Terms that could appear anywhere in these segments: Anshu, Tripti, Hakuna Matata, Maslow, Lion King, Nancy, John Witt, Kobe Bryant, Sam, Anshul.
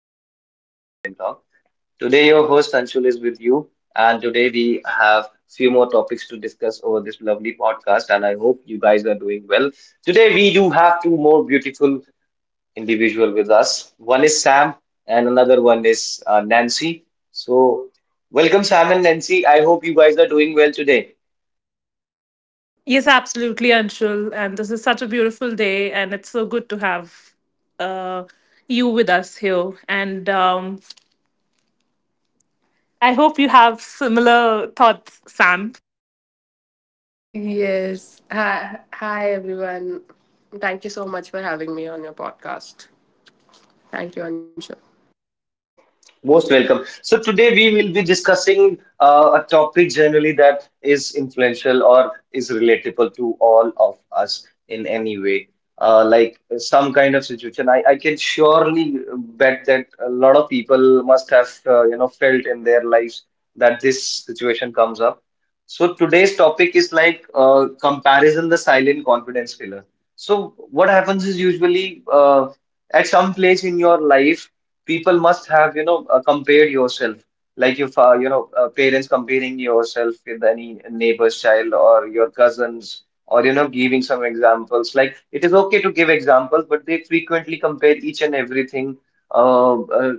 Welcome back to the 5 p.m. talk. Today your host Anshul is with you, and today we have few more topics to discuss over this lovely podcast, and I hope you guys are doing well. Today we do have two more beautiful individual with us. One is Sam and another one is Nancy. So welcome Sam and Nancy. I hope you guys are doing well today. Yes, absolutely, Anshul. And this is such a beautiful day, and it's so good to have uh, you with us here. And I hope you have similar thoughts, Sam. Yes. Hi everyone. Thank you so much for having me on your podcast. Thank you, Anshu. Most welcome. So today we will be discussing a topic generally that is influential or is relatable to all of us in any way. Like some kind of situation, I can surely bet that a lot of people must have you know felt in their lives that this situation comes up. So today's topic is like comparison, the silent confidence killer. So what happens is usually at some place in your life people must have you know compared yourself, like your you know parents comparing yourself with any neighbor's child or your cousins, or you know giving some examples. Like it is okay to give examples, but they frequently compare each and everything uh, uh,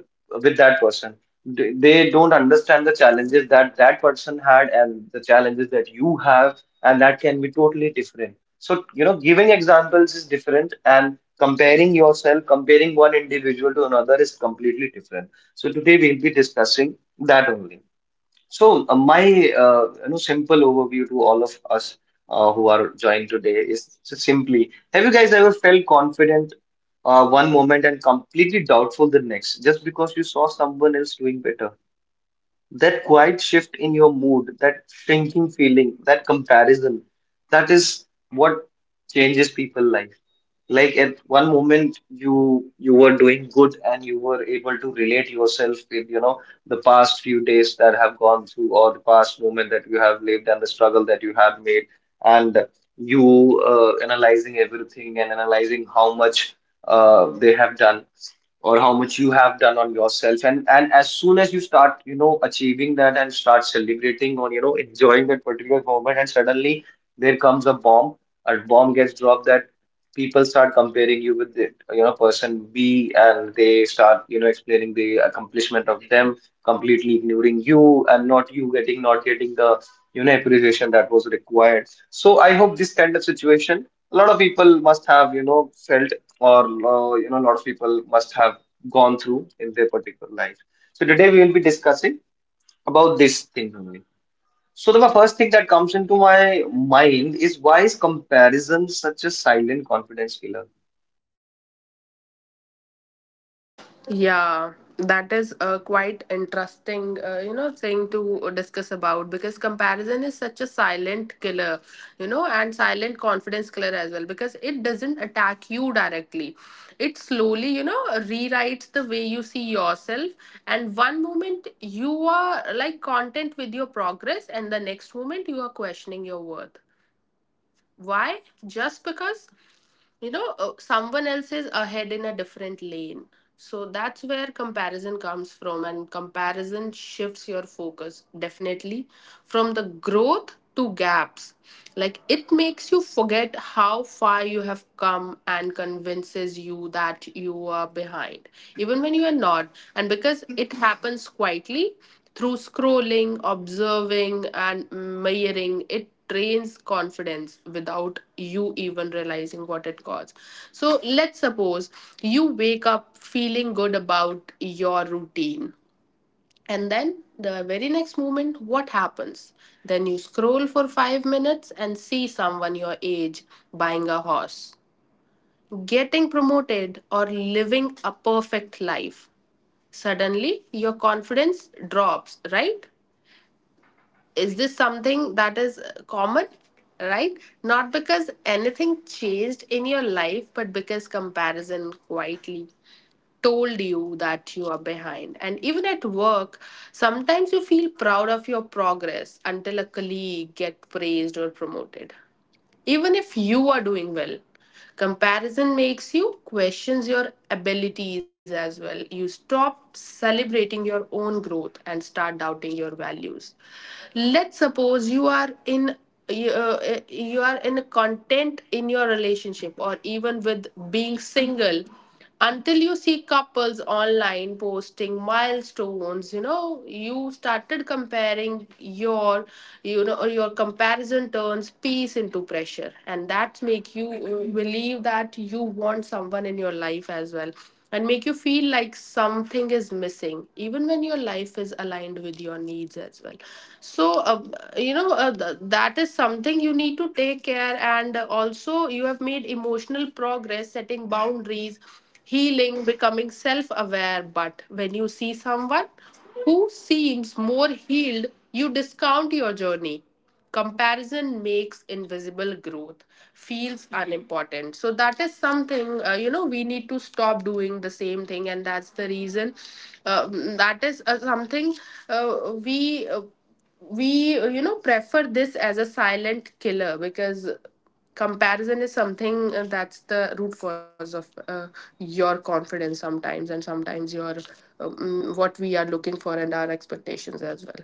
with that person. They don't understand the challenges that that person had and the challenges that you have, and that can be totally different. So you know giving examples is different, and comparing yourself, comparing one individual to another is completely different. So today we'll be discussing that only. So my you know simple overview to all of us who are joined today is simply: have you guys ever felt confident one moment and completely doubtful the next, just because you saw someone else doing better? That quiet shift in your mood, that shrinking feeling, that comparison, that is what changes people life. Like at one moment you were doing good and you were able to relate yourself with, you know, the past few days that have gone through or the past moment that you have lived and the struggle that you have made, and you analyzing everything and analyzing how much they have done or how much you have done on yourself, and as soon as you start you know achieving that and start celebrating or you know enjoying that particular moment, and suddenly there comes a bomb, a bomb gets dropped that people start comparing you with the you know person B, and they start you know explaining the accomplishment of them, completely ignoring you and not getting the you know appreciation that was required. So I hope this kind of situation a lot of people must have you know felt, or you know a lot of people must have gone through in their particular life. So today we will be discussing about this thing only. So the first thing that comes into my mind is, why is comparison such a silent confidence killer? Yeah, that is a quite interesting, thing to discuss about because comparison is such a silent killer, you know, and silent confidence killer as well because it doesn't attack you directly. It slowly, you know, rewrites the way you see yourself. And one moment you are like content with your progress, and the next moment you are questioning your worth. Why? Just because, someone else is ahead in a different lane. So that's where comparison comes from, and comparison shifts your focus definitely from the growth to gaps. Like it makes you forget how far you have come and convinces you that you are behind, even when you are not. And because it happens quietly, through scrolling, observing, and mirroring, it drains confidence without you even realizing what it costs. So let's suppose you wake up feeling good about your routine. And then the very next moment, what happens? Then you scroll for five minutes and see someone your age buying a horse, getting promoted, or living a perfect life. Suddenly, your confidence drops, right? Is this something that is common, right? Not because anything changed in your life, but because comparison quietly told you that you are behind. And even at work, sometimes you feel proud of your progress until a colleague get praised or promoted. Even if you are doing well, comparison makes you questions your abilities as well. You stop celebrating your own growth and start doubting your values. Let's suppose you are in you, You are in a content in your relationship or even with being single until you see couples online posting milestones. You know, you started comparing your, you know, your comparison turns peace into pressure and that make you believe that you want someone in your life as well, and make you feel like something is missing even when your life is aligned with your needs as well. So that is something you need to take care. And also, you have made emotional progress setting boundaries, healing, becoming self aware, but when you see someone who seems more healed, you discount your journey. Comparison makes invisible growth feels unimportant. So that is something, you know, we need to stop doing the same thing. And that's the reason uh, that is something uh, we uh, we you know, prefer this as a silent killer because comparison is something that's the root cause of your confidence sometimes, and sometimes your what we are looking for and our expectations as well.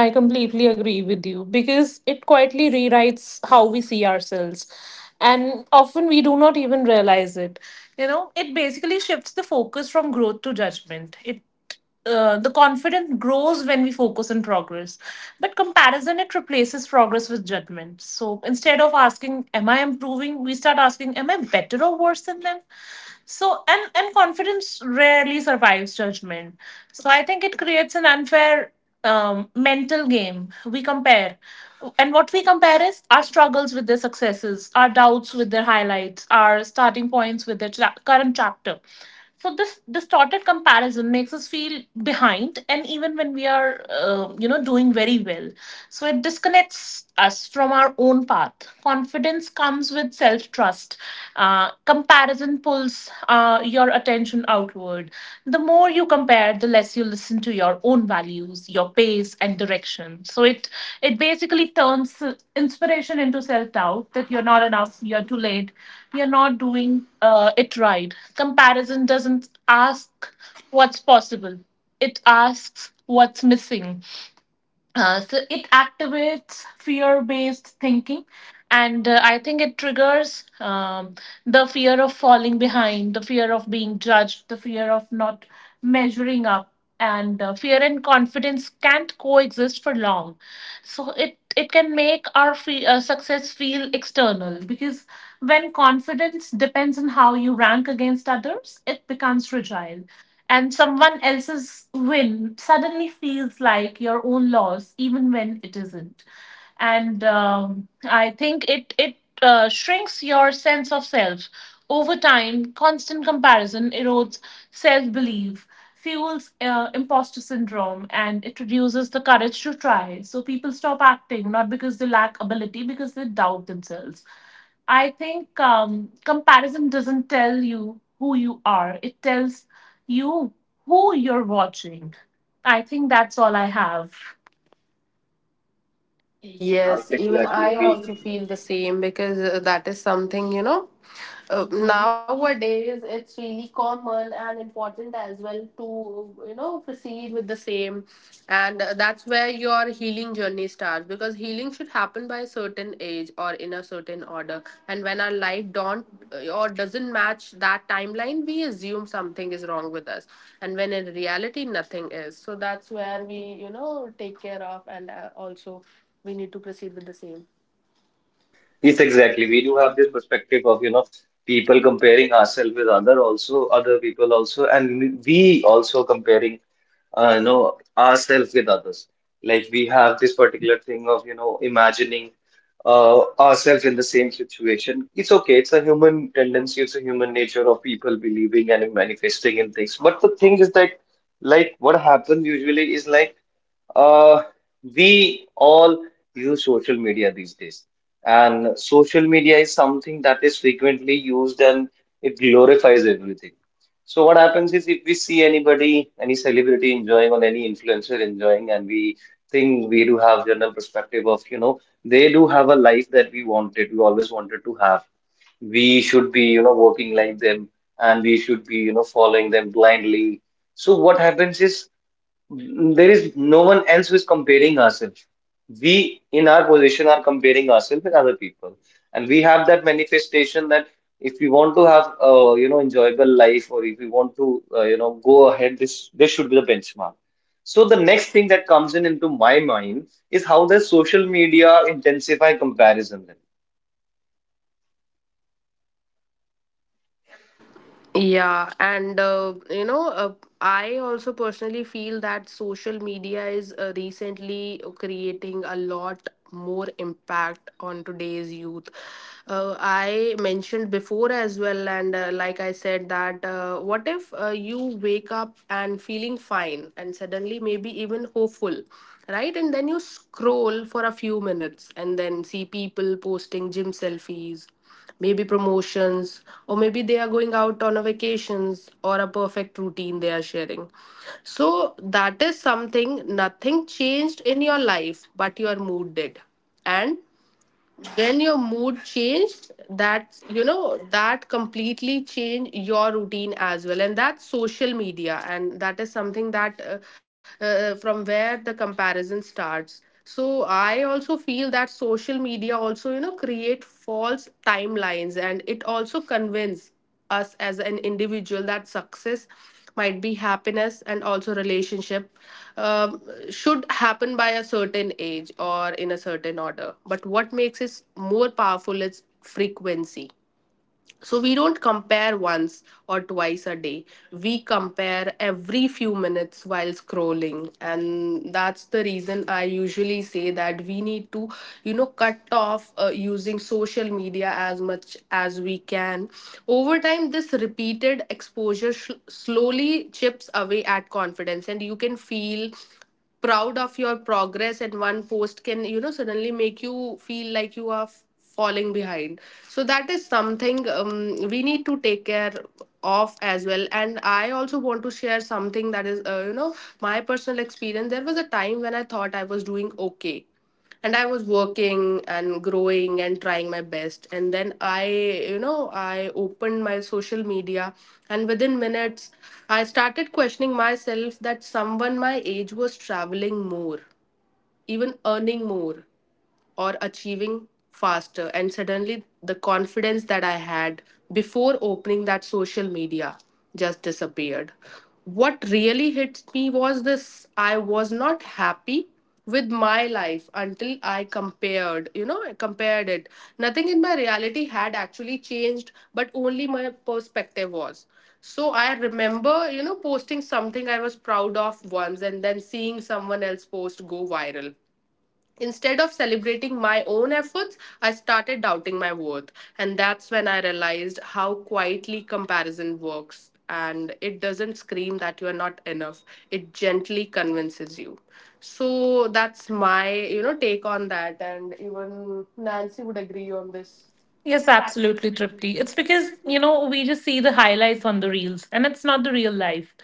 I completely agree with you because it quietly rewrites how we see ourselves. And often we do not even realize it. You know, it basically shifts the focus from growth to judgment. It the confidence grows when we focus on progress, but comparison, it replaces progress with judgment. So instead of asking am I improving, we start asking am I better or worse than them. So and and confidence rarely survives judgment. So I think it creates an unfair mental game. We compare. And what we compare is our struggles with their successes, our doubts with their highlights, our starting points with their current chapter. So this distorted comparison makes us feel behind, and even when we are, doing very well, so it disconnects us from our own path. Confidence comes with self trust, comparison pulls your attention outward. The more you compare, the less you listen to your own values, your pace, and direction. So it basically turns inspiration into self doubt, that you're not enough, you're too late, you're not doing it right. Comparison doesn't ask what's possible; it asks what's missing. So it activates fear-based thinking, and I think it triggers the fear of falling behind, the fear of being judged, the fear of not measuring up, and fear and confidence can't coexist for long. So it can make our success feel external, because when confidence depends on how you rank against others, it becomes fragile, and someone else's win suddenly feels like your own loss even when it isn't. And I think it shrinks your sense of self. Over time constant comparison erodes self belief, fuels imposter syndrome, and it reduces the courage to try. So people stop acting, not because they lack ability, because they doubt themselves. I think comparison doesn't tell you who you are. It tells you who you're watching. I think that's all I have. yes Yes, even exactly I we also feel the same because that is something, you know, nowadays it's really common and important as well to, you know, proceed with the same. And that's where your healing journey starts because healing should happen by a certain age or in a certain order. And when our life don't or doesn't match that timeline, we assume something is wrong with us. And when in reality, nothing is. So that's where we, you know, take care of. And also, we need to proceed with the same. yes exactly we do have this perspective of you know people comparing ourselves with other, also other people also, and we also comparing you know ourselves with others. Like we have this particular thing of you know imagining ourselves in the same situation. It's okay, it's a human tendency, it's a human nature of people believing and manifesting in things, but the thing is that, like what happens usually is like uh, we all use social media these days, and social media is something that is frequently used, and it glorifies everything. So, what happens is if we see anybody, any celebrity enjoying or any influencer enjoying, and we think we do have general perspective of, you know, they do have a life that we wanted, we always wanted to have. We should be, you know, working like them, and we should be, you know, following them blindly. So, what happens is there is no one else who is comparing ourselves. We, in our position, are comparing ourselves with other people, and we have that manifestation that if we want to have, you know, enjoyable life, or if we want to, you know, go ahead, this should be the benchmark. So the next thing that comes in into my mind is, how does social media intensify comparison? Yeah, and uh, you know, uh, I also personally feel that social media is recently creating a lot more impact on today's youth. I mentioned before as well, and like I said, that what if you wake up and feeling fine and suddenly maybe even hopeful, right? And then you scroll for a few minutes and then see people posting gym selfies, maybe promotions, or maybe they are going out on a vacations or a perfect routine they are sharing. So that is something, nothing changed in your life, but your mood did. And when your mood changed, that's, you know, that completely change your routine as well. And that's social media, and that is something that from where the comparison starts. So I also feel that social media also, you know, create false timelines, and it also convince us as an individual that success might be happiness, and also relationship um, should happen by a certain age or in a certain order. But what makes it more powerful is frequency. So we don't compare once or twice a day. We compare every few minutes while scrolling. And that's the reason I usually say that we need to, you know, cut off using social media as much as we can. Over time, this repeated exposure slowly chips away at confidence, and you can feel proud of your progress, and one post can, you know, suddenly make you feel like you are falling behind. So that is something, we need to take care of as well. And I also want to share something that is, you know, my personal experience. There was a time when I thought I was doing okay, and I was working and growing and trying my best. And then I, you know, I opened my social media, and within minutes I started questioning myself that someone my age was traveling more, even earning more, or achieving faster. And suddenly, the confidence that I had before opening that social media just disappeared. What really hit me was this: I was not happy with my life until I compared, I compared it. Nothing in my reality had actually changed, but only my perspective was. So I remember, you know, posting something I was proud of once, and then seeing someone else post go viral. Instead of celebrating my own efforts, I started doubting my worth. And that's when I realized how quietly comparison works. And it doesn't scream that you are not enough, it gently convinces you. So that's my, you know, take on that. And even Nancy would agree on this. Yes, absolutely, Tripti. It's because, you know, we just see the highlights on the reels and it's not the real life.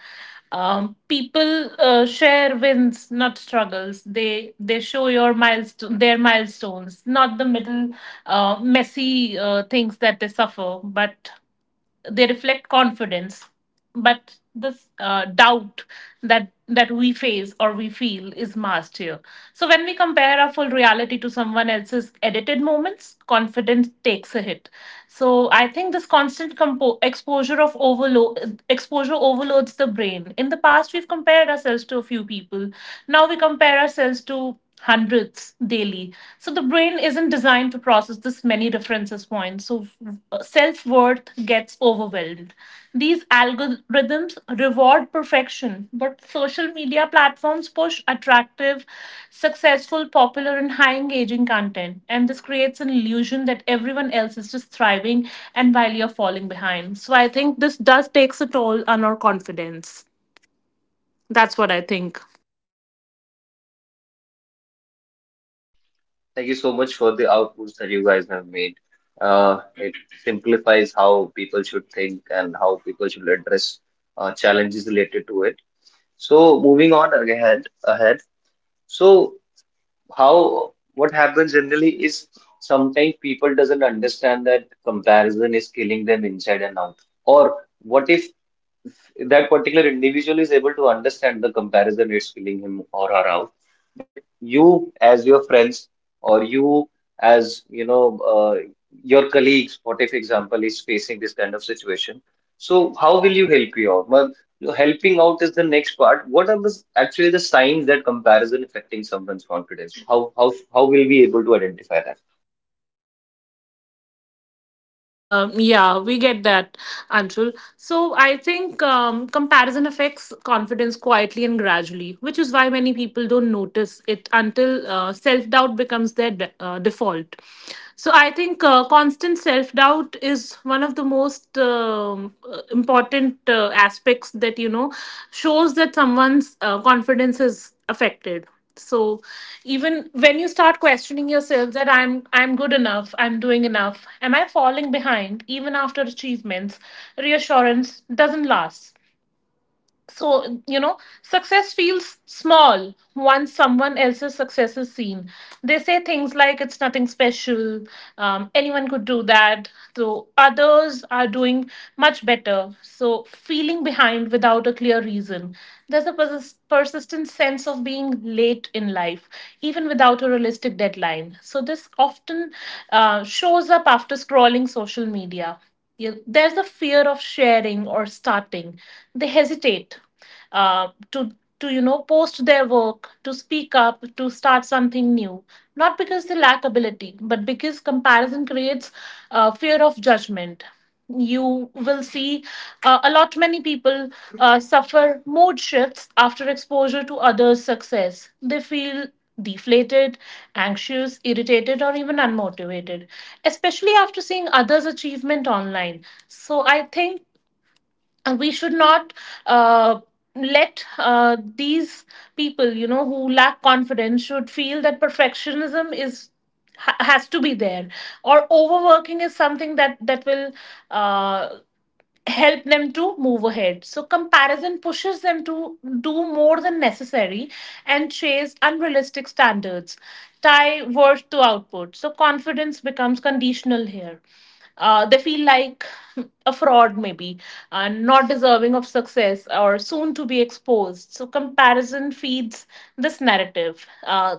People share wins, not struggles. They show your milestone, their milestones, not the middle messy things that they suffer, but they reflect confidence, but this doubt that we face or we feel is masked here. So when we compare our full reality to someone else's edited moments, confidence takes a hit. So I think this constant exposure, of overload, exposure overloads the brain. In the past we've compared ourselves to a few people, now we compare ourselves to hundreds daily. So the brain isn't designed to process this many references points. So self worth gets overwhelmed. These algorithms reward perfection, but social media platforms push attractive, successful, popular, and high engaging content. And this creates an illusion that everyone else is just thriving and while you're falling behind. So I think this does takes a toll on our confidence. That's what I think. Thank you so much for the outputs that you guys have made. It simplifies how people should think and how people should address challenges related to it. So moving on ahead. So how, what happens generally is sometimes people doesn't understand that comparison is killing them inside and out. Or what if that particular individual is able to understand the comparison it's filling him or her out? But you, as your friends, or you, as you know, your colleagues, what if example is facing this kind of situation? So how will you help you out? Well, helping out is the next part. What are the actually the signs that comparison affecting someone's confidence? How will we able to identify that? Yeah, we get that, Anshul. So I think comparison affects confidence quietly and gradually, which is why many people don't notice it until self doubt becomes their default. So I think constant self doubt is one of the most important aspects that, you know, shows that someone's confidence is affected. So even when you start questioning yourself that I'm good enough, I'm doing enough, am I falling behind even after achievements, reassurance doesn't last. So you know success feels small once someone else's success is seen. They say things like it's nothing special, anyone could do that, so others are doing much better. So feeling behind without a clear reason, there's a persistent sense of being late in life even without a realistic deadline. So this often shows up after scrolling social media. Yeah, there's a fear of sharing or starting. They hesitate uh, to to you know post their work, to speak up, to start something new. Not because they lack ability, but because comparison creates fear of judgment. You will see a lot many people suffer mood shifts after exposure to others success. They feel deflated, anxious, irritated, or even unmotivated, especially after seeing others achievement online. So I think we should not uh, let these people, you know, who lack confidence should feel that perfectionism is has to be there, or overworking is something that will uh, help them to move ahead. So, comparison pushes them to do more than necessary and chase unrealistic standards, tie worth to output. So, confidence becomes conditional here. They feel like a fraud, maybe, not deserving of success or soon to be exposed. So, comparison feeds this narrative. Uh,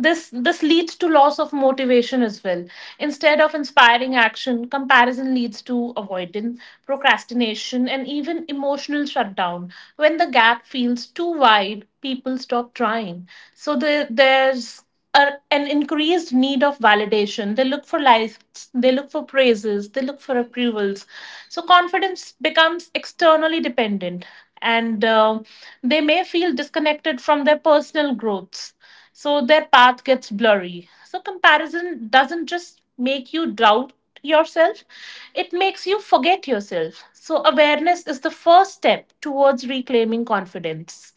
this this leads to loss of motivation as well. Instead of inspiring action, comparison leads to avoidance, procrastination, and even emotional shutdown. When the gap feels too wide, people stop trying. So there's an increased need of validation. They look for likes, they look for praises, they look for approvals. So confidence becomes externally dependent, and they may feel disconnected from their personal growths, so their path gets blurry. So, comparison doesn't just make you doubt yourself, it makes you forget yourself. So, awareness is the first step towards reclaiming confidence.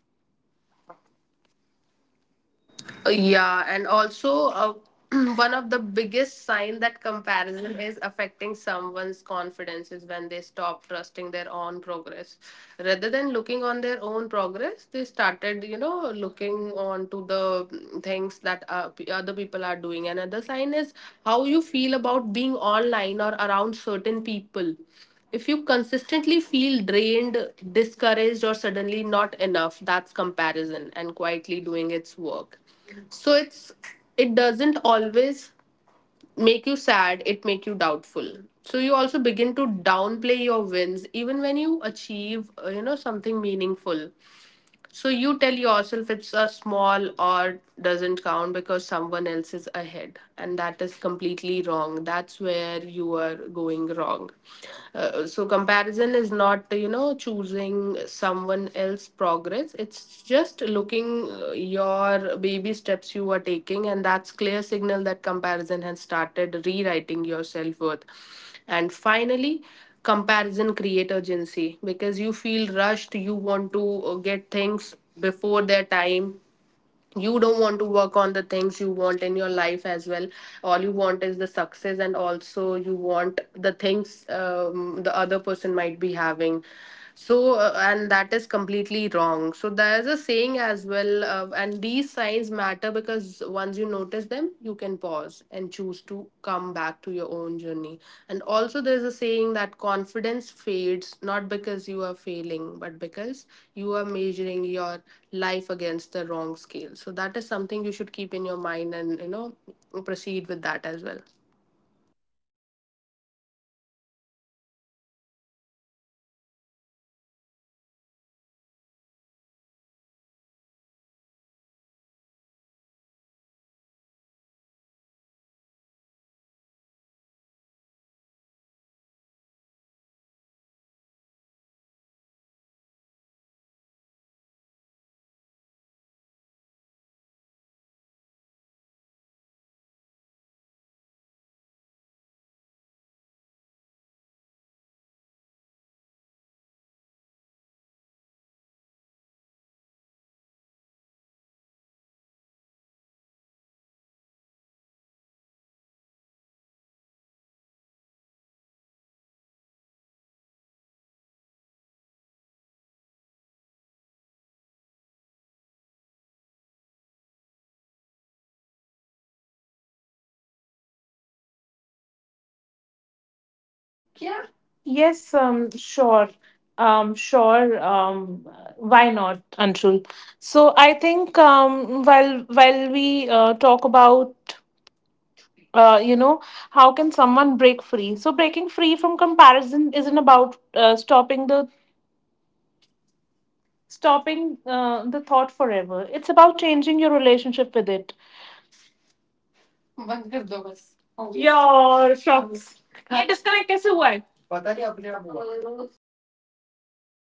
Yeah, and also one of the biggest sign that comparison is affecting someone's confidence is when they stop trusting their own progress. Rather than looking on their own progress, they started, you know, looking on to the things that other people are doing. Another sign is how you feel about being online or around certain people. If you consistently feel drained, discouraged, or suddenly not enough, that's comparison and quietly doing its work. So it's, it doesn't always make you sad, it make you doubtful. So you also begin to downplay your wins even when you achieve you know, something meaningful. So you tell yourself it's a small or doesn't count because someone else is ahead, and that is completely wrong. That's where you are going wrong. So comparison is not, you know, choosing someone else's progress. It's just looking your baby steps you are taking, and that's clear signal that comparison has started rewriting your self worth. And finally, comparison create urgency because you feel rushed. You want to get things before their time. You don't want to work on the things you want in your life as well. All you want is the success, and also you want the things the other person might be having. So and that is completely wrong. So there's a saying as well, and these signs matter because once you notice them, you can pause and choose to come back to your own journey. And also, there's a saying that confidence fades not because you are failing, but because you are measuring your life against the wrong scale. So, that is something you should keep in your mind and, you know, proceed with that as well. Adding on to this that you guys have mentioned, but sometimes eventually what happens is it comes out naturally. Like if somebody is able to achieve those, that particular success in 2 years or 3 years, and you have been trying it for far, from past 5 years or maybe 10 years, so you start questioning yourself that the same thing that I am been doing and the other person also did, but I am not able to achieve that particular success or the goal that I have kept on my mind. So what happens is you start questioning yourself, and naturally, what happens is you will start comparing yourself with others, or the kind of you know Yes, sure. Sure. Why not, Anshul? So I think while we talk about you know how can someone break free? So breaking free from comparison isn't about stopping the thought forever. It's about changing your relationship with it. यार shocks, ये disconnect कैसे हुआ है? पता नहीं, अपने आप हुआ। कोई बात नहीं, ये 20 मिनट